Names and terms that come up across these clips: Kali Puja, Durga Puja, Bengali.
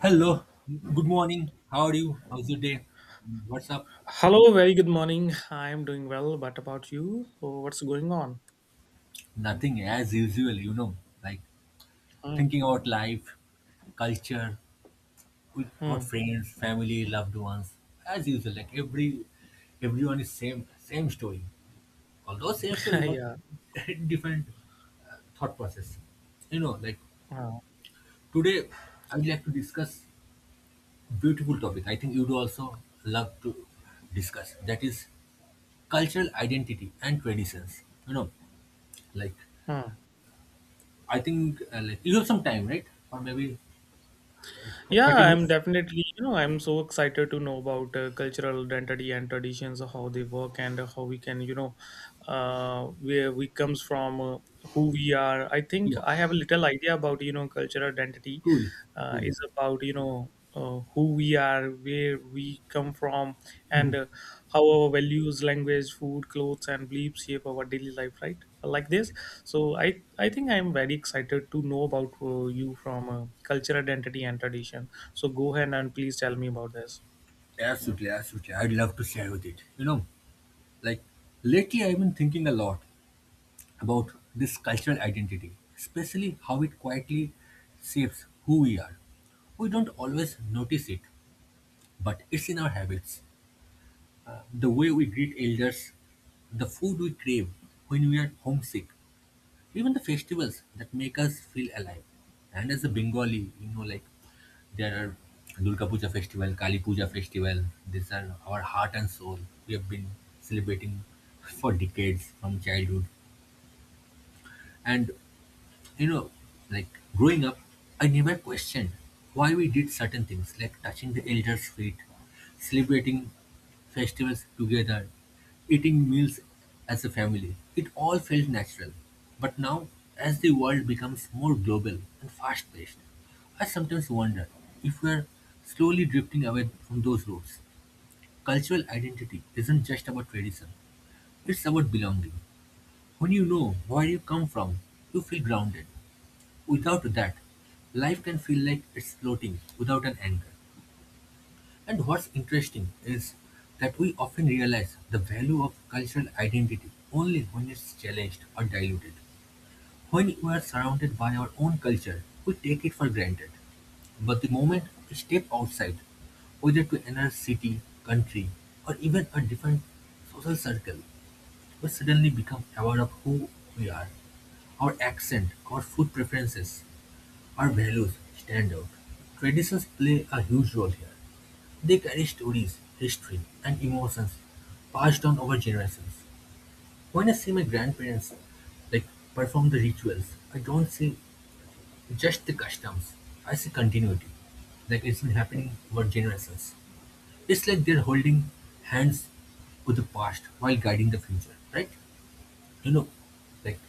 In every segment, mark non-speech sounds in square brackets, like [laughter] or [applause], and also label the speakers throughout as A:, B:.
A: Hello, good morning. How are you? How's your day? What's up?
B: Hello, very good morning. I'm doing well, but about you? So what's going on?
A: Nothing as usual, like
B: Hmm.
A: thinking about life, culture, with about
B: Hmm.
A: friends, family, loved ones. As usual, like everyone is same story. Although same story,
B: [laughs]
A: but
B: Yeah.
A: [laughs] different thought process. You know, like
B: Hmm.
A: today I would like to discuss beautiful topic. I think you'd also love to discuss. That is cultural identity and traditions. You know Like,
B: Hmm.
A: I think like you have some time, right? Or maybe
B: Yeah,
A: 30
B: I'm
A: minutes?
B: definitely, I'm so excited to know about cultural identity and traditions, how they work and how we can, uh, where we comes from, who we are. I think
A: Yeah,
B: I have a little idea about, cultural identity
A: cool, cool.
B: is about, who we are, where we come from, and how our values, language, food, clothes, and beliefs shape our daily life, right? Like
A: Yeah.
B: this. So I think I am very excited to know about you from culture, identity, and tradition. So go ahead and please tell me about this.
A: Absolutely, absolutely. I'd love to share with it. Like lately I've been thinking a lot about this cultural identity, especially how it quietly shapes who we are. We don't always notice it, but it's in our habits. The way we greet elders, the food we crave when we are homesick, even the festivals that make us feel alive. And as a Bengali, there are Durga Puja festival, Kali Puja festival. These are our heart and soul. We have been celebrating for decades from childhood, and you know, like growing up, I never questioned why we did certain things like touching the elders' feet, celebrating festivals together, eating meals as a family. It all felt natural. But now, as the world becomes more global and fast paced, I sometimes wonder if we are slowly drifting away from those roots. Cultural identity isn't just about tradition, it's about belonging. When you know where you come from, you feel grounded. Without that, life can feel like it's floating without an anchor. And what's interesting is that we often realize the value of cultural identity only when it's challenged or diluted. When we are surrounded by our own culture, we take it for granted. But the moment we step outside, whether to another city, country, or even a different social circle, we suddenly become aware of who we are. Our accent, our food preferences, our values stand out. Traditions play a huge role here. They carry stories, history, and emotions passed on over generations. When I see my grandparents like perform the rituals, I don't see just the customs. I see continuity. Like it's been happening over generations. It's like they're holding hands with the past while guiding the future, right? You know, like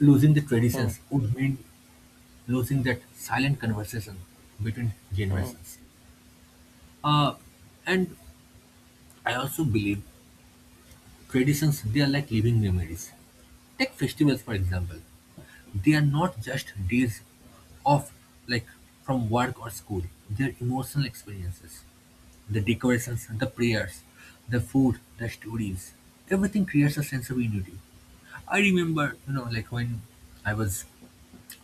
A: losing the
B: Hmm,
A: traditions would mean losing that silent conversation between
B: hmm.
A: generations. Uh, and I also believe traditions, they are like living memories. Take festivals, for example. They are not just days off, like from work or school. They are emotional experiences. The decorations, the prayers, the food, the stories. Everything creates a sense of unity. I remember, when I was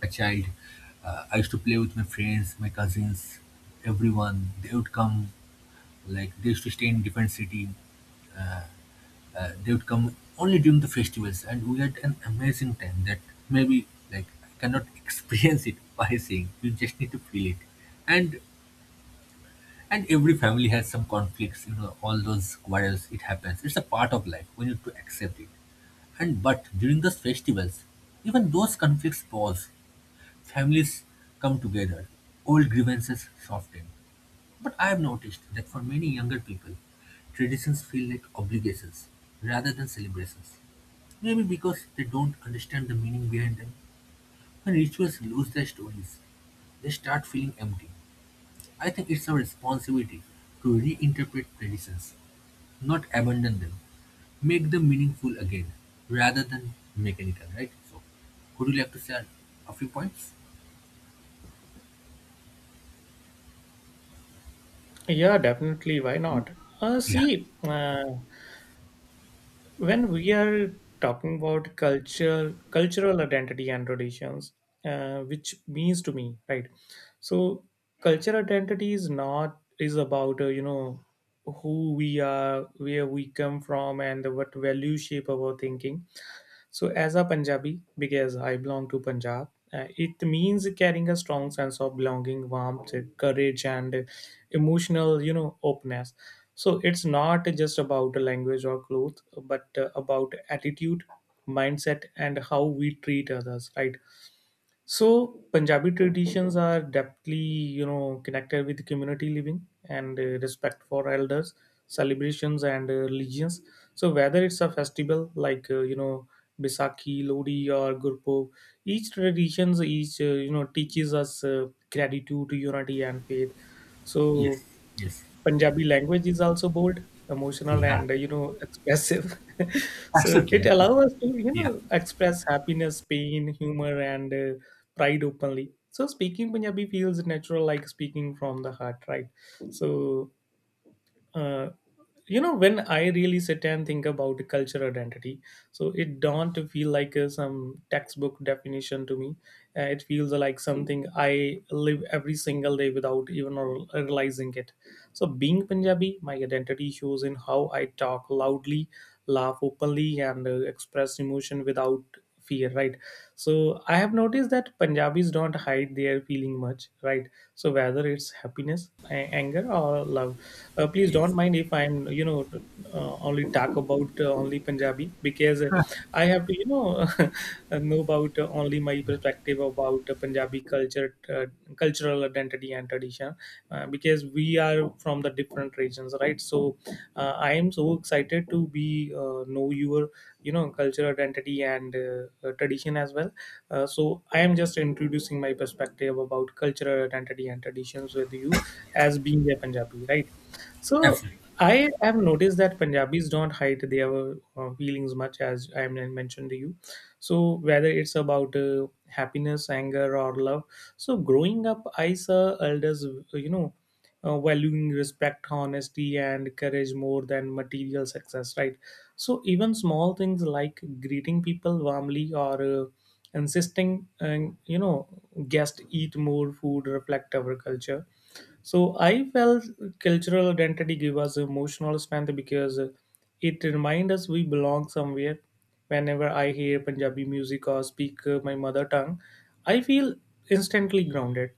A: a child, I used to play with my friends, my cousins, everyone. They would come, like, they used to stay in different city. They would come only during the festivals, and we had an amazing time that maybe like I cannot [laughs] experience it by saying. You just need to feel it, and every family has some conflicts. You know, all those quarrels. It happens. It's a part of life. We need to accept it. And but during those festivals, even those conflicts pause. Families come together. Old grievances soften. But I have noticed that for many younger people, traditions feel like obligations rather than celebrations. Maybe because they don't understand the meaning behind them. When rituals lose their stories, they start feeling empty. I think it's our responsibility to reinterpret traditions, not abandon them. Make them meaningful again rather than mechanical, right? So, would you like to share a few points?
B: Yeah, definitely. Why not?
A: Yeah.
B: See, when we are talking about culture, cultural identity and traditions, which means to me, right? So, culture identity is not is about who we are, where we come from, and what values shape our thinking. So, as a Punjabi, because I belong to Punjab, it means carrying a strong sense of belonging, warmth, courage, and emotional, openness. So, it's not just about language or clothes, but about attitude, mindset, and how we treat others, right? So Punjabi traditions are deeply, connected with community living and respect for elders, celebrations and religions. So whether it's a festival like Bisakhi, Lodi, or Gurpurab, each traditions each teaches us gratitude, unity, and faith.
A: Yes.
B: So
A: Yes.
B: Punjabi language is also bold, emotional,
A: Yeah.
B: and expressive. [laughs] So it
A: Absolutely.
B: allows us to
A: Yeah.
B: express happiness, pain, humor, and pride openly. So speaking Punjabi feels natural, like speaking from the heart, right? So uh, when I really sit and think about cultural identity, so it don't feel like some textbook definition to me. It feels like something I live every single day without even realizing it. So being Punjabi, my identity shows in how I talk loudly, laugh openly, and express emotion without fear, right? So I have noticed that Punjabis don't hide their feeling much, right? So whether it's happiness, anger, or love. Please don't
A: Yes.
B: mind if I'm, only talk about only Punjabi because I have to, [laughs] know about only my perspective about Punjabi culture, cultural identity and tradition, because we are from the different regions, right? So I am so excited to be know your, cultural identity and tradition as well. So I am just introducing my perspective about cultural identity and traditions with you as being a Punjabi, right? So
A: Absolutely.
B: I have noticed that Punjabis don't hide their feelings much, as I mentioned to you. So whether it's about happiness, anger, or love. So growing up, I saw elders, you know, valuing respect, honesty, and courage more than material success, right? So even small things like greeting people warmly or insisting, and guests eat more food reflect our culture. So I felt cultural identity give us emotional strength because it reminds us we belong somewhere. Whenever I hear Punjabi music or speak my mother tongue, I feel instantly grounded.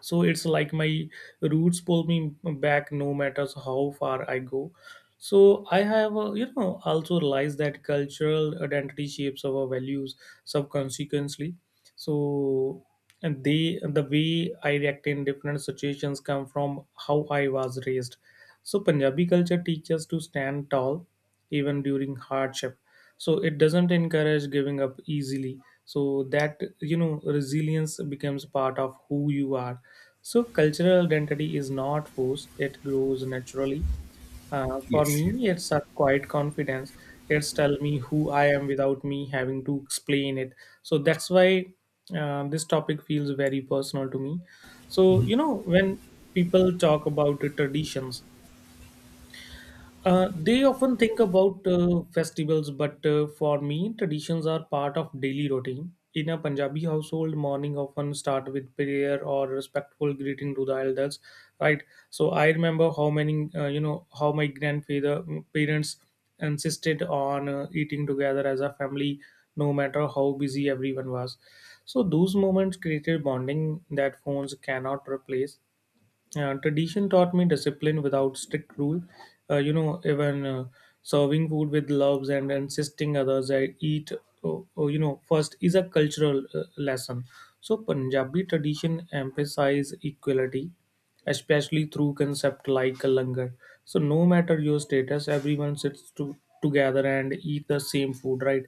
B: So it's like my roots pull me back no matter how far I go. So I have, also realized that cultural identity shapes our values subconsciously. So and they the way I react in different situations come from how I was raised. So Punjabi culture teaches to stand tall even during hardship. So it doesn't encourage giving up easily. So that, you know resilience becomes part of who you are. So cultural identity is not forced, it grows naturally. For
A: Yes, yes.
B: me, it's a quiet confidence. It's tell me who I am without me having to explain it. So that's why this topic feels very personal to me. So when people talk about the traditions, they often think about festivals, but for me, traditions are part of daily routine. In a Punjabi household, morning often start with prayer or respectful greeting to the elders, right? So I remember how many, how my grandfather parents insisted on eating together as a family, no matter how busy everyone was. So those moments created bonding that phones cannot replace. Yeah, tradition taught me discipline without strict rule. Even serving food with loves and insisting others I eat, oh, first is a cultural lesson. So Punjabi tradition emphasize equality, especially through concept like a langar. So no matter your status, everyone sits together and eat the same food, right?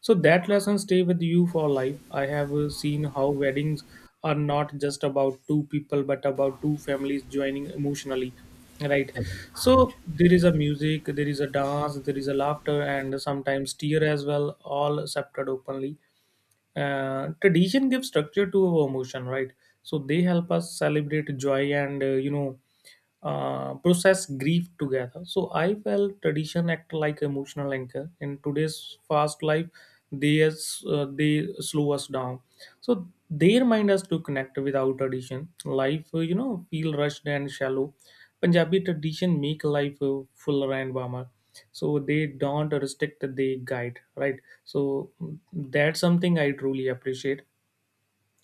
B: So that lesson stay with you for life. I have seen how weddings are not just about two people but about two families joining emotionally, right?
A: Agreed.
B: So there is a music, there is a dance, there is a laughter, and sometimes tear as well, all accepted openly. Tradition gives structure to our emotion, right? So they help us celebrate joy and process grief together. So I felt tradition act like emotional anchor. In today's fast life, they they slow us down. So they remind us to connect without tradition. Life, feel rushed and shallow. Punjabi tradition make life fuller and warmer. So they don't restrict, they guide, right? So that's something I truly appreciate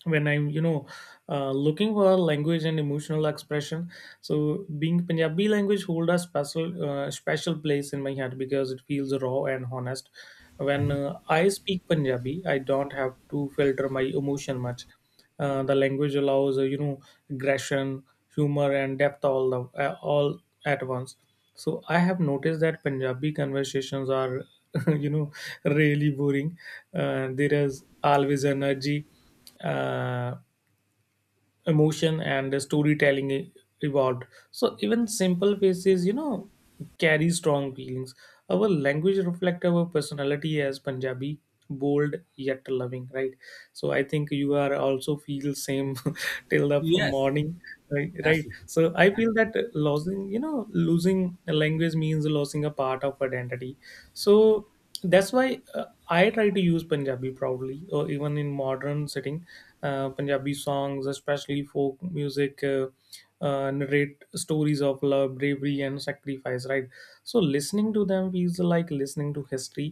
B: when I'm looking for a language and emotional expression. So being Punjabi, language hold a special special place in my heart because it feels raw and honest. When
A: Mhm.
B: I speak Punjabi, I don't have to filter my emotion much. The language allows aggression, humor, and depth all at once. So I have noticed that Punjabi conversations are [laughs] you know really boring. There is always energy, uh, emotion, and storytelling evolved. So even simple faces, carry strong feelings. Our language reflect our personality as Punjabi, bold yet loving, right? So I think you are also feel same [laughs] till the from
A: Yes,
B: morning, right? Right?
A: absolutely.
B: So I
A: Yeah,
B: feel that losing, losing a language means losing a part of identity. So that's why I try to use Punjabi proudly or even in modern setting. Punjabi songs, especially folk music, narrate stories of love, bravery, and sacrifice, right? So listening to them feels like listening to history.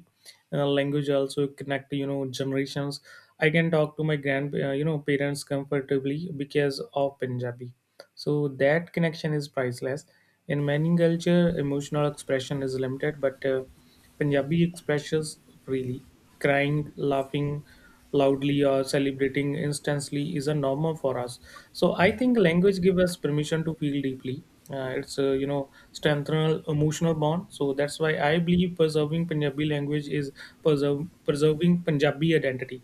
B: Language also connect, generations. I can talk to my grand parents comfortably because of Punjabi. So that connection is priceless. In many culture, emotional expression is limited, but Punjabi expresses freely. Crying, laughing loudly, or celebrating instantly is a normal for us. So I
A: yeah,
B: think language gives us permission to feel deeply. It's strengthen emotional bond. So that's why I believe preserving Punjabi language is preserving Punjabi identity.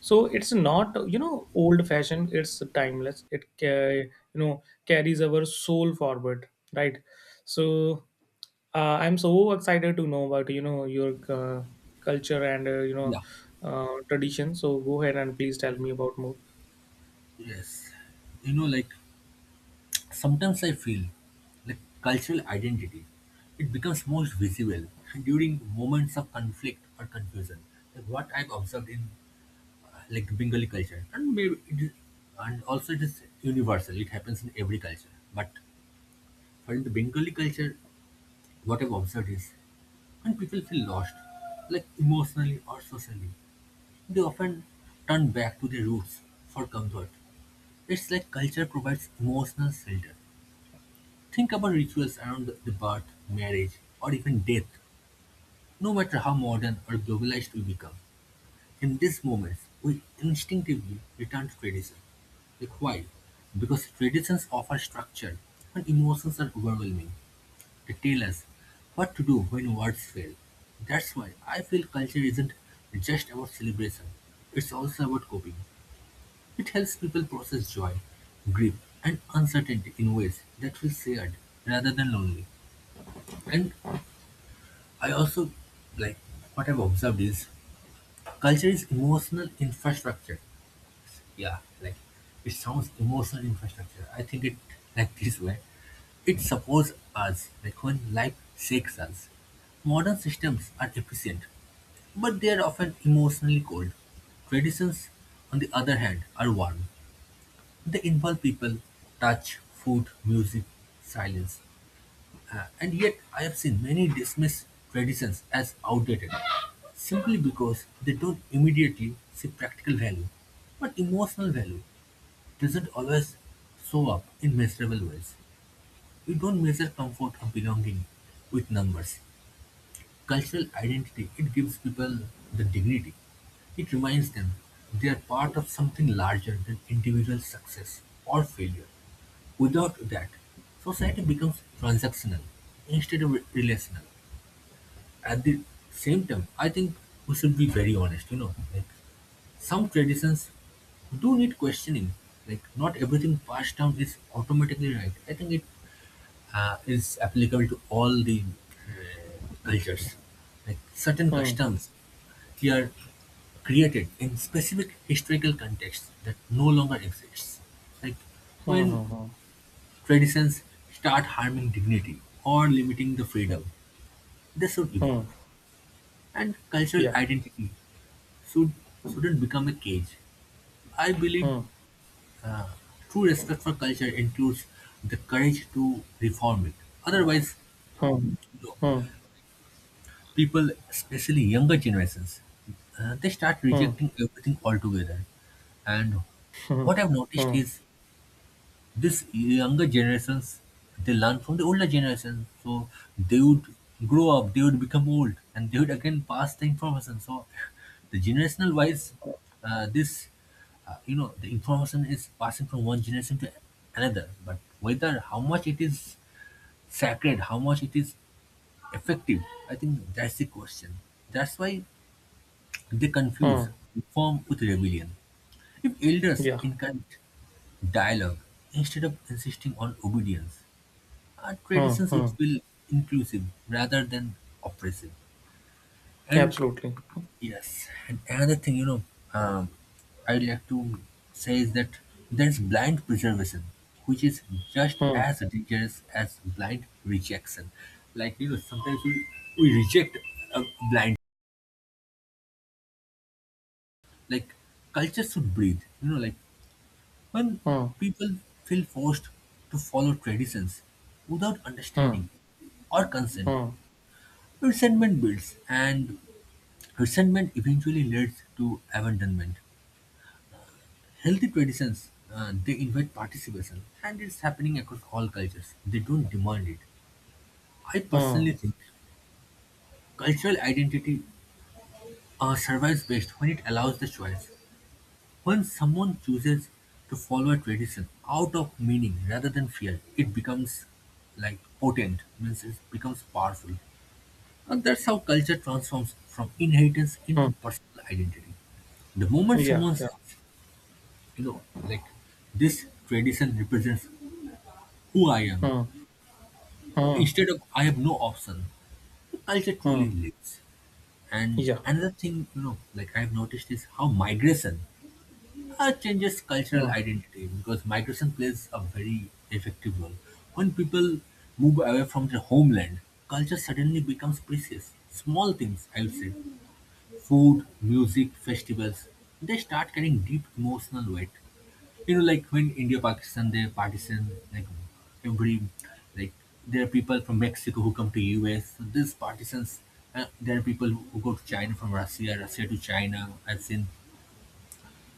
B: So it's not old fashioned, it's timeless. It carries our soul forward, right? So I'm so excited to know about your culture and
A: yeah.
B: tradition. So go ahead and please tell me about more.
A: Yes. You know, like sometimes I feel like cultural identity, it becomes most visible during moments of conflict or confusion. Like what I've observed in like Bengali culture, and maybe it is, and also it is universal. It happens in every culture. But for in the Bengali culture, what I've observed is when people feel lost, like emotionally or socially, they often turn back to their roots for comfort. It's like culture provides emotional shelter. Think about rituals around the birth, marriage, or even death, no matter how modern or globalized we become. In these moments, we instinctively return to tradition. Like why? Because traditions offer structure and emotions are overwhelming. They tell us what to do when words fail. That's why I feel culture isn't just about celebration, it's also about coping. It helps people process joy, grief, and uncertainty in ways that feel shared rather than lonely. And I also like what I've observed is culture is emotional infrastructure. Yeah, like it sounds emotional infrastructure. I think it like this way. It supports us like when life shakes us. Modern systems are efficient, but they are often emotionally cold. Traditions, on the other hand, are warm. They involve people, touch, food, music, silence. And yet, I have seen many dismiss traditions as outdated simply because they don't immediately see practical value. But emotional value doesn't always show up in measurable ways. We don't measure comfort or belonging with numbers. Cultural identity, it gives people the dignity. It reminds them they are part of something larger than individual success or failure. Without that, society becomes transactional instead of relational. At the same time, I think we should be very honest, some traditions do need questioning. Like not everything passed down is automatically right. I think it is applicable to all the cultures. Like certain
B: Hmm.
A: customs they are created in specific historical contexts that no longer exists. Like
B: Hmm.
A: when
B: Hmm. Hmm.
A: traditions start harming dignity or limiting the freedom, they should evolve.
B: Hmm.
A: And cultural
B: Yeah.
A: identity should, shouldn't become a cage. I believe
B: Hmm.
A: uh, true respect for culture includes the courage to reform it. Otherwise,
B: Hmm.
A: you know,
B: Hmm.
A: people, especially younger generations, they start
B: Hmm.
A: rejecting everything altogether. And
B: Hmm.
A: what I've
B: Hmm.
A: noticed is this younger generations, they learn from the older generation. So they would grow up, they would become old, and they would again pass the information. So the generational wise, uh, this, you know, the information is passing from one generation to another. But whether how much it is sacred, how much it is effective, I think that's the question. That's why they confuse
B: Hmm.
A: reform with rebellion. If elders
B: Yeah.
A: encourage dialogue instead of insisting on obedience, our
B: Hmm.
A: traditions
B: Hmm.
A: would feel inclusive rather than oppressive. And
B: Absolutely.
A: yes, and another thing, you know, um, I'd like to say is that there's blind preservation, which is just
B: Hmm.
A: as dangerous as blind rejection. Like, you know, sometimes we reject a blind, like, culture should breathe. You know, like, when
B: Hmm.
A: people feel forced to follow traditions without
B: Hmm.
A: understanding or consent,
B: Hmm.
A: resentment builds and resentment eventually leads to abandonment. Healthy traditions, they invite participation, and it's happening across all cultures. They don't demand it. I
B: Hmm.
A: personally think cultural identity survives best when it allows the choice. When someone chooses to follow a tradition out of meaning rather than fear, it becomes like potent, means it becomes powerful. And that's how culture transforms from inheritance into
B: Hmm.
A: personal identity. The moment
B: Yeah,
A: someone
B: yeah.
A: says, you know, like this tradition represents who I am.
B: Hmm. Hmm.
A: Instead of I have no option, the culture truly
B: Mm,
A: lives. And
B: yeah.
A: another thing, I've noticed is how migration changes cultural
B: Hmm.
A: identity because migration plays a very effective role. When people move away from their homeland, culture suddenly becomes precious. Small things, I would say, food, music, festivals, they start carrying deep emotional weight. When India Pakistan they partition, like every like there are people from Mexico who come to US. So these partitions, there are people who go to China from Russia, Russia to China. I've seen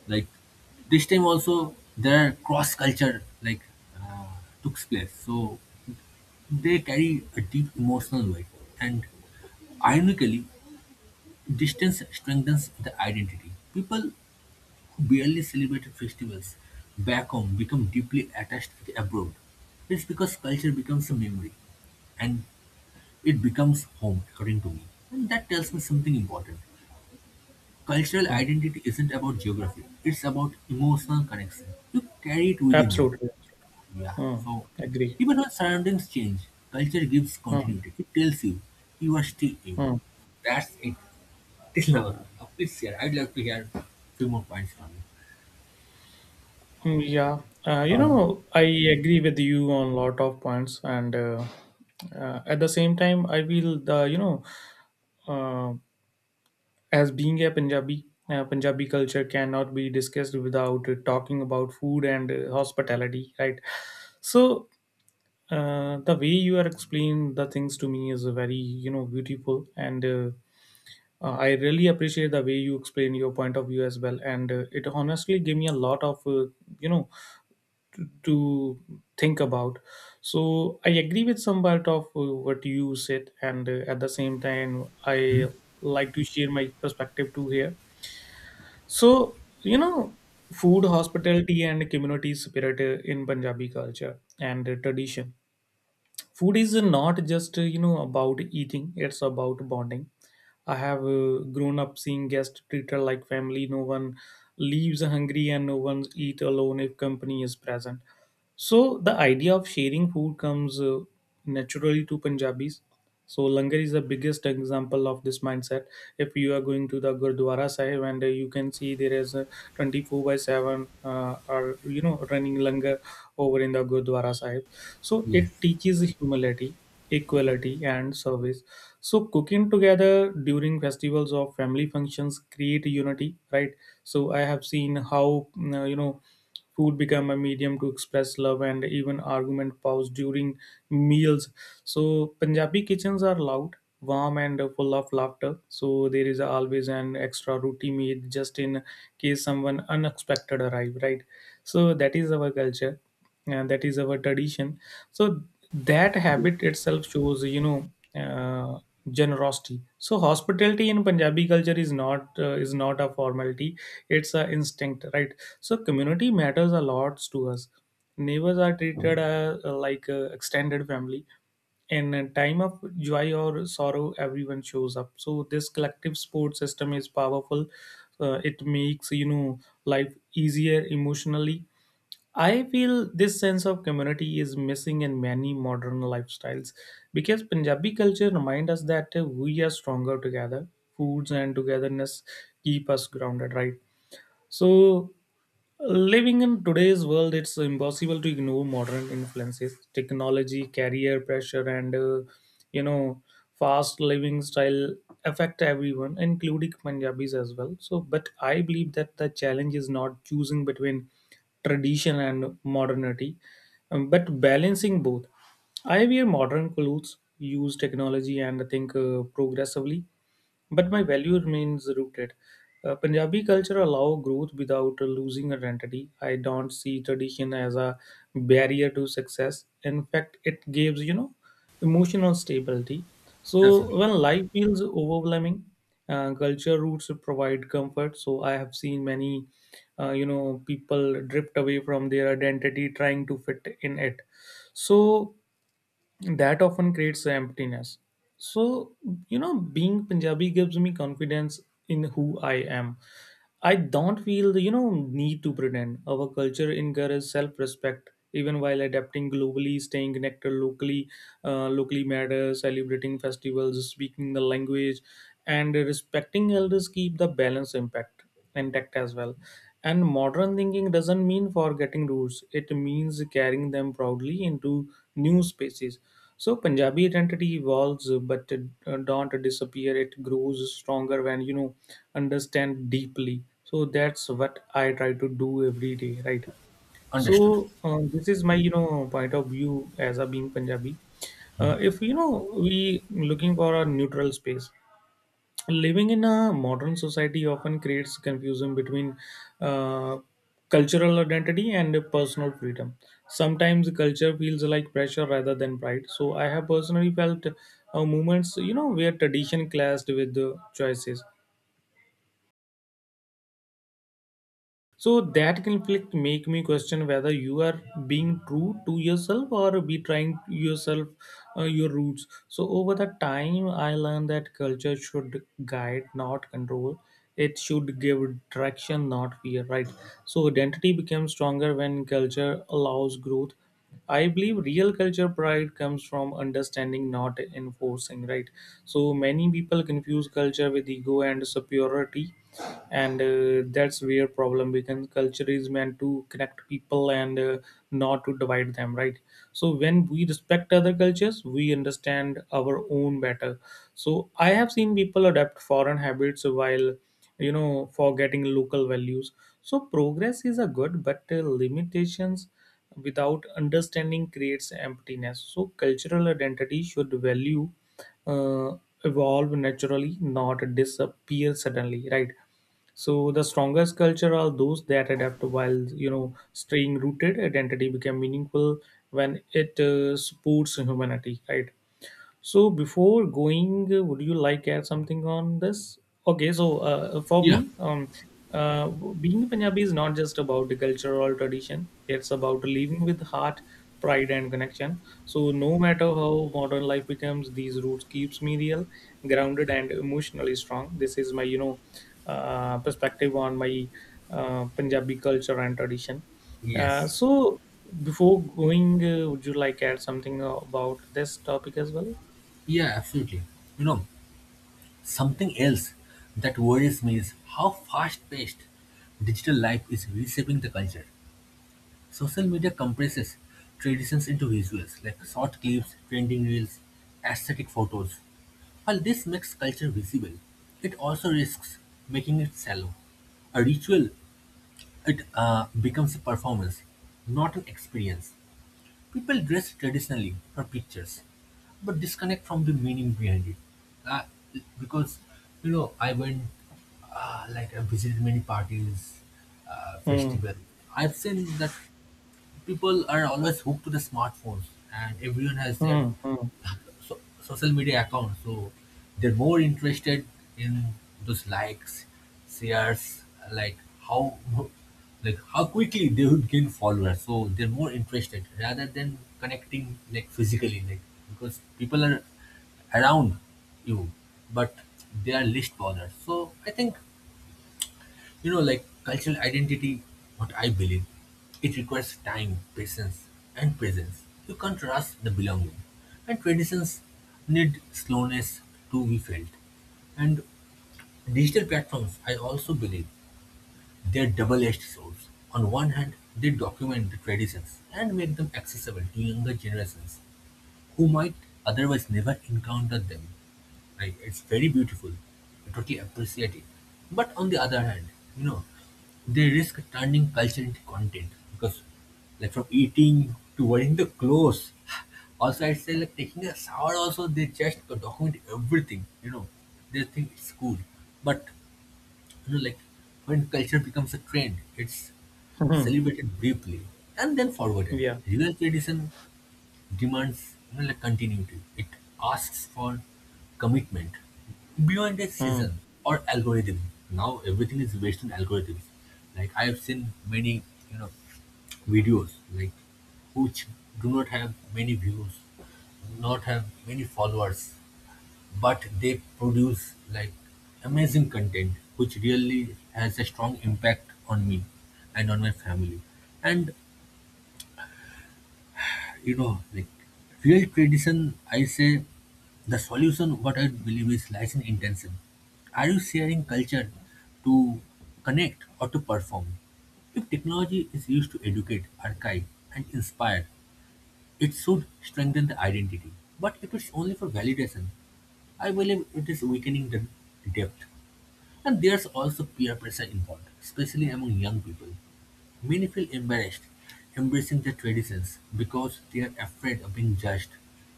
A: like this time also there are cross culture like uh, took place. So they carry a deep emotional weight and ironically distance strengthens the identity. People who barely celebrated festivals back home become deeply attached with abroad. It's because culture becomes a memory and it becomes home, according to me. And that tells me something important. Cultural
B: Mm,
A: identity isn't about geography, it's about emotional connection. You carry it within you.
B: absolutely.
A: Yeah.
B: Hmm.
A: So
B: Agree.
A: even when surroundings change, culture gives
B: Hmm.
A: continuity. It tells you you are still you.
B: Hmm.
A: That's it. It's an hour. Please, yeah, I'd like to hear few more points from you.
B: Mm, yeah. I agree with you on a lot of points, and at the same time, I feel uh, as being a Punjabi, Punjabi culture cannot be discussed without talking about food and hospitality, right? So the way you are explaining the things to me is very beautiful and. I really appreciate the way you explain your point of view as well, and it honestly gave me a lot of you know to think about. So I agree with some part of what you said, and at the same time,
A: Hmm?
B: I like to share my perspective too here. So food, hospitality, and community spirit in Punjabi culture and tradition, food is not just about eating, it's about bonding. I have grown up seeing guests treated like family. No one leaves hungry and no one eat alone if company is present. So the idea of sharing food comes naturally to Punjabis. So langar is the biggest example of this mindset. If you are going to the Gurdwara Sahib and you can see there is a 24 by 7 or running langar over in the Gurdwara Sahib. So
A: Yes,
B: it teaches humility, equality, and service. So cooking together during festivals or family functions create unity, right? So I have seen how food become a medium to express love and even argument pause during meals. So Punjabi kitchens are loud, warm, and full of laughter. So there is always an extra roti made just in case someone unexpected arrive, right? So that is our culture and that is our tradition. So that habit itself shows uh, generosity. So hospitality in punjabi culture is not a formality. It's an instinct, right? So community matters a lot to us. Neighbors are treated like extended family. In a time of joy or sorrow, everyone shows up. So this collective support system is powerful. It makes life easier emotionally. I feel this sense of community is missing in many modern lifestyles, because Punjabi culture reminds us that we are stronger together. Foods and togetherness keep us grounded, right? So, living in today's world, it's impossible to ignore modern influences, technology, career pressure, and you know, fast living style affect everyone, including Punjabis as well. So, but I believe that the challenge is not choosing between tradition and modernity, but balancing both. I wear modern clothes, use technology, and think progressively, but my value remains rooted. Punjabi culture allow growth without losing identity. I don't see tradition as a barrier to success. In fact, it gives emotional stability. So
A: absolutely.
B: when life feels overwhelming, culture roots provide comfort. So I have seen many, people drift away from their identity trying to fit in it. So that often creates emptiness. So being punjabi gives me confidence in who I am. I don't feel the need to pretend. Our culture encourages self-respect even while adapting globally, staying connected locally. Locally matters, celebrating festivals, speaking the language, and respecting elders keep the balance impact intact as well. And modern thinking doesn't mean forgetting roots; it means carrying them proudly into new spaces. So Punjabi identity evolves, but it don't disappear. It grows stronger when understand deeply. So that's what I try to do every day, right?
A: Understood.
B: So this is my point of view as a being Punjabi. If we looking for a neutral space, living in a modern society often creates confusion between uh, cultural identity and personal freedom. Sometimes culture feels like pressure rather than pride. So I have personally felt moments where tradition clashed with the choices. So that conflict make me question whether you are being true to yourself or be trying yourself your roots. So over the time, I learned that culture should guide, not control. It should give direction, not fear. Right. So identity becomes stronger when culture allows growth. I believe real culture pride comes from understanding, not enforcing, right? So many people confuse culture with ego and superiority, and that's where problem becomes. Culture is meant to connect people and not to divide them, right? So when we respect other cultures, we understand our own better. So I have seen people adapt foreign habits while, forgetting local values. So progress is a good, but limitations without understanding creates emptiness. So, cultural identity should value uh, evolve naturally, not disappear suddenly, right? So, the strongest culture are those that adapt while staying rooted. Identity become meaningful when it supports humanity, right? So before going, would you like add something on this? Okay, so for
A: Yeah.
B: me, being Punjabi is not just about the culture or tradition. It's about living with heart, pride, and connection. So no matter how modern life becomes, these roots keeps me real, grounded, and emotionally strong. This is my, perspective on my Punjabi culture and tradition. Uh,
A: Yes.
B: so before going, would you like add something about this topic as well?
A: Yeah, absolutely. You know, something else that worries me is how fast paced digital life is reshaping the culture. Social media compresses traditions into visuals like short clips, trending reels, aesthetic photos. While this makes culture visible, it also risks making it shallow. A ritual It becomes a performance, not an experience. People dress traditionally for pictures, but disconnect from the meaning behind it. Uh, because, you know, I went, like, I visited many parties,
B: Hmm.
A: festivals. I've seen that people are always hooked to the smartphones and everyone has their
B: Hmm. Hmm.
A: social media account, so they're more interested in those likes, shares, like how like how quickly they would gain followers, so they're more interested rather than connecting like physically, like because people are around you but they are least bothered. So I think you know, like cultural identity, what I believe, it requires time, patience, and presence. You can't rush the belonging. And traditions need slowness to be felt. And digital platforms, I also believe, they're double-edged swords. On one hand, they document the traditions and make them accessible to younger generations who might otherwise never encounter them. Like, it's very beautiful. I totally appreciate it. But on the other hand, you know, they risk turning culture into content because, like, from eating to wearing the clothes. [laughs] Also, I'd say, like, taking a shower, also, they just document everything, you know. They think it's cool. But, you know, like, when culture becomes a trend, it's
B: Hmm.
A: celebrated briefly and then forgotten.
B: Yeah.
A: Real tradition demands you know, like continuity. It asks for commitment beyond a
B: Hmm.
A: season or algorithm. Now everything is based on algorithms. Like I have seen many, you know, videos like which do not have many views, not have many followers, but they produce like amazing content which really has a strong impact on me and on my family. And you know, like real tradition, I say the solution, what I believe is lies in intention. Are you sharing culture to connect or to perform? If technology is used to educate, archive, and inspire, it should strengthen the identity. But if it's only for validation, I believe it is weakening the depth. And there's also peer pressure involved, especially among young people. Many feel embarrassed embracing their traditions because they are afraid of being judged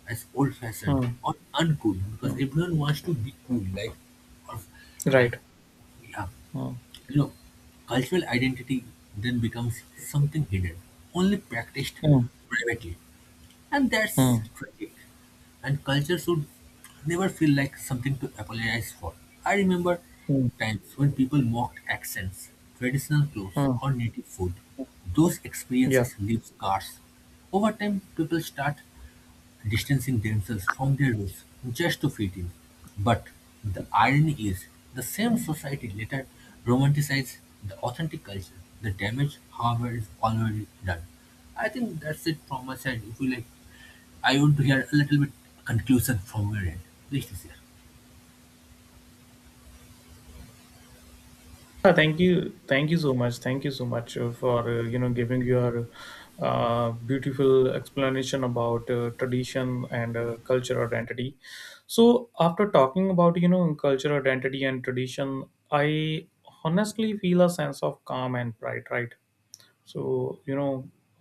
A: as old fashioned
B: Hmm.
A: or uncool because
B: Hmm.
A: everyone wants to be cool, like or
B: Right.
A: like yeah.
B: Hmm.
A: You know, cultural identity then becomes something hidden, only practiced
B: Hmm.
A: privately. And that's
B: Hmm.
A: tragic. And culture should never feel like something to apologize for. I remember
B: Hmm.
A: times when people mocked accents, traditional clothes,
B: Hmm.
A: or native food. Those
B: Yeah.
A: experiences leave scars. Over time, people start distancing themselves from their roots just to fit in. But the irony is, the same society later romanticized the authentic culture. The damage, however, is already done. I think that's it from my side. If you like, I want to hear a little bit conclusion from your end. Please,
B: Thank you. Thank you so much. Thank you so much for giving your beautiful explanation about tradition and cultural identity. So after talking about cultural identity and tradition, I honestly feel a sense of calm and pride. Right. So you know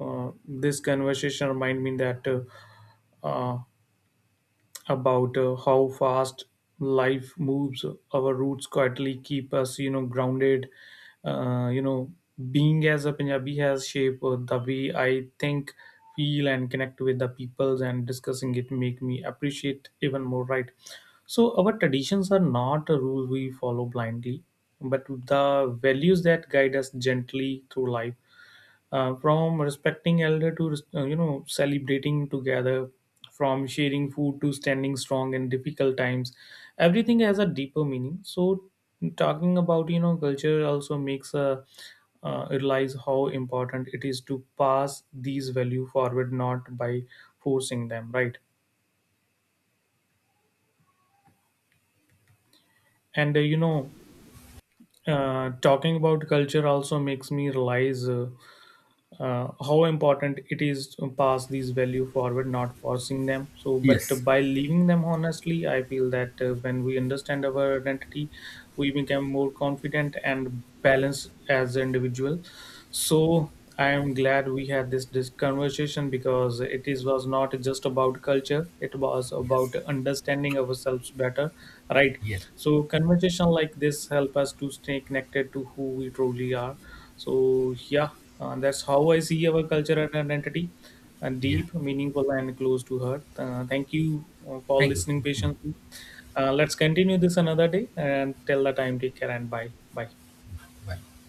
B: uh, this conversation remind me that. Uh, about how fast life moves, our roots quietly keep us grounded. Uh, you know being as a punjabi has shaped the way I think, feel, and connect with the peoples, and discussing it make me appreciate even more, right? So our traditions are not a rule we follow blindly, but the values that guide us gently through life, from respecting elder to celebrating together, from sharing food to standing strong in difficult times, everything has a deeper meaning. So talking about culture also makes a realize how important it is to pass these value forward, not by forcing them, right? And talking about culture also makes me realize how important it is to pass these value forward, not forcing them. So but
A: yes,
B: by leaving them, honestly I feel that when we understand our identity, we become more confident and balanced as an individual. So I am glad we had this conversation, because it is was not just about culture. It was
A: yes,
B: about understanding ourselves better, right?
A: yes,
B: So conversation like this help us to stay connected to who we truly are. So yeah, that's how I see our culture and identity,
A: yeah.
B: deep, meaningful, and close to heart. Thank you for
A: Thank you.
B: listening
A: Thank you so much.
B: patiently. Let's continue this another day. And till the time, take care and bye. Bye.
A: Bye.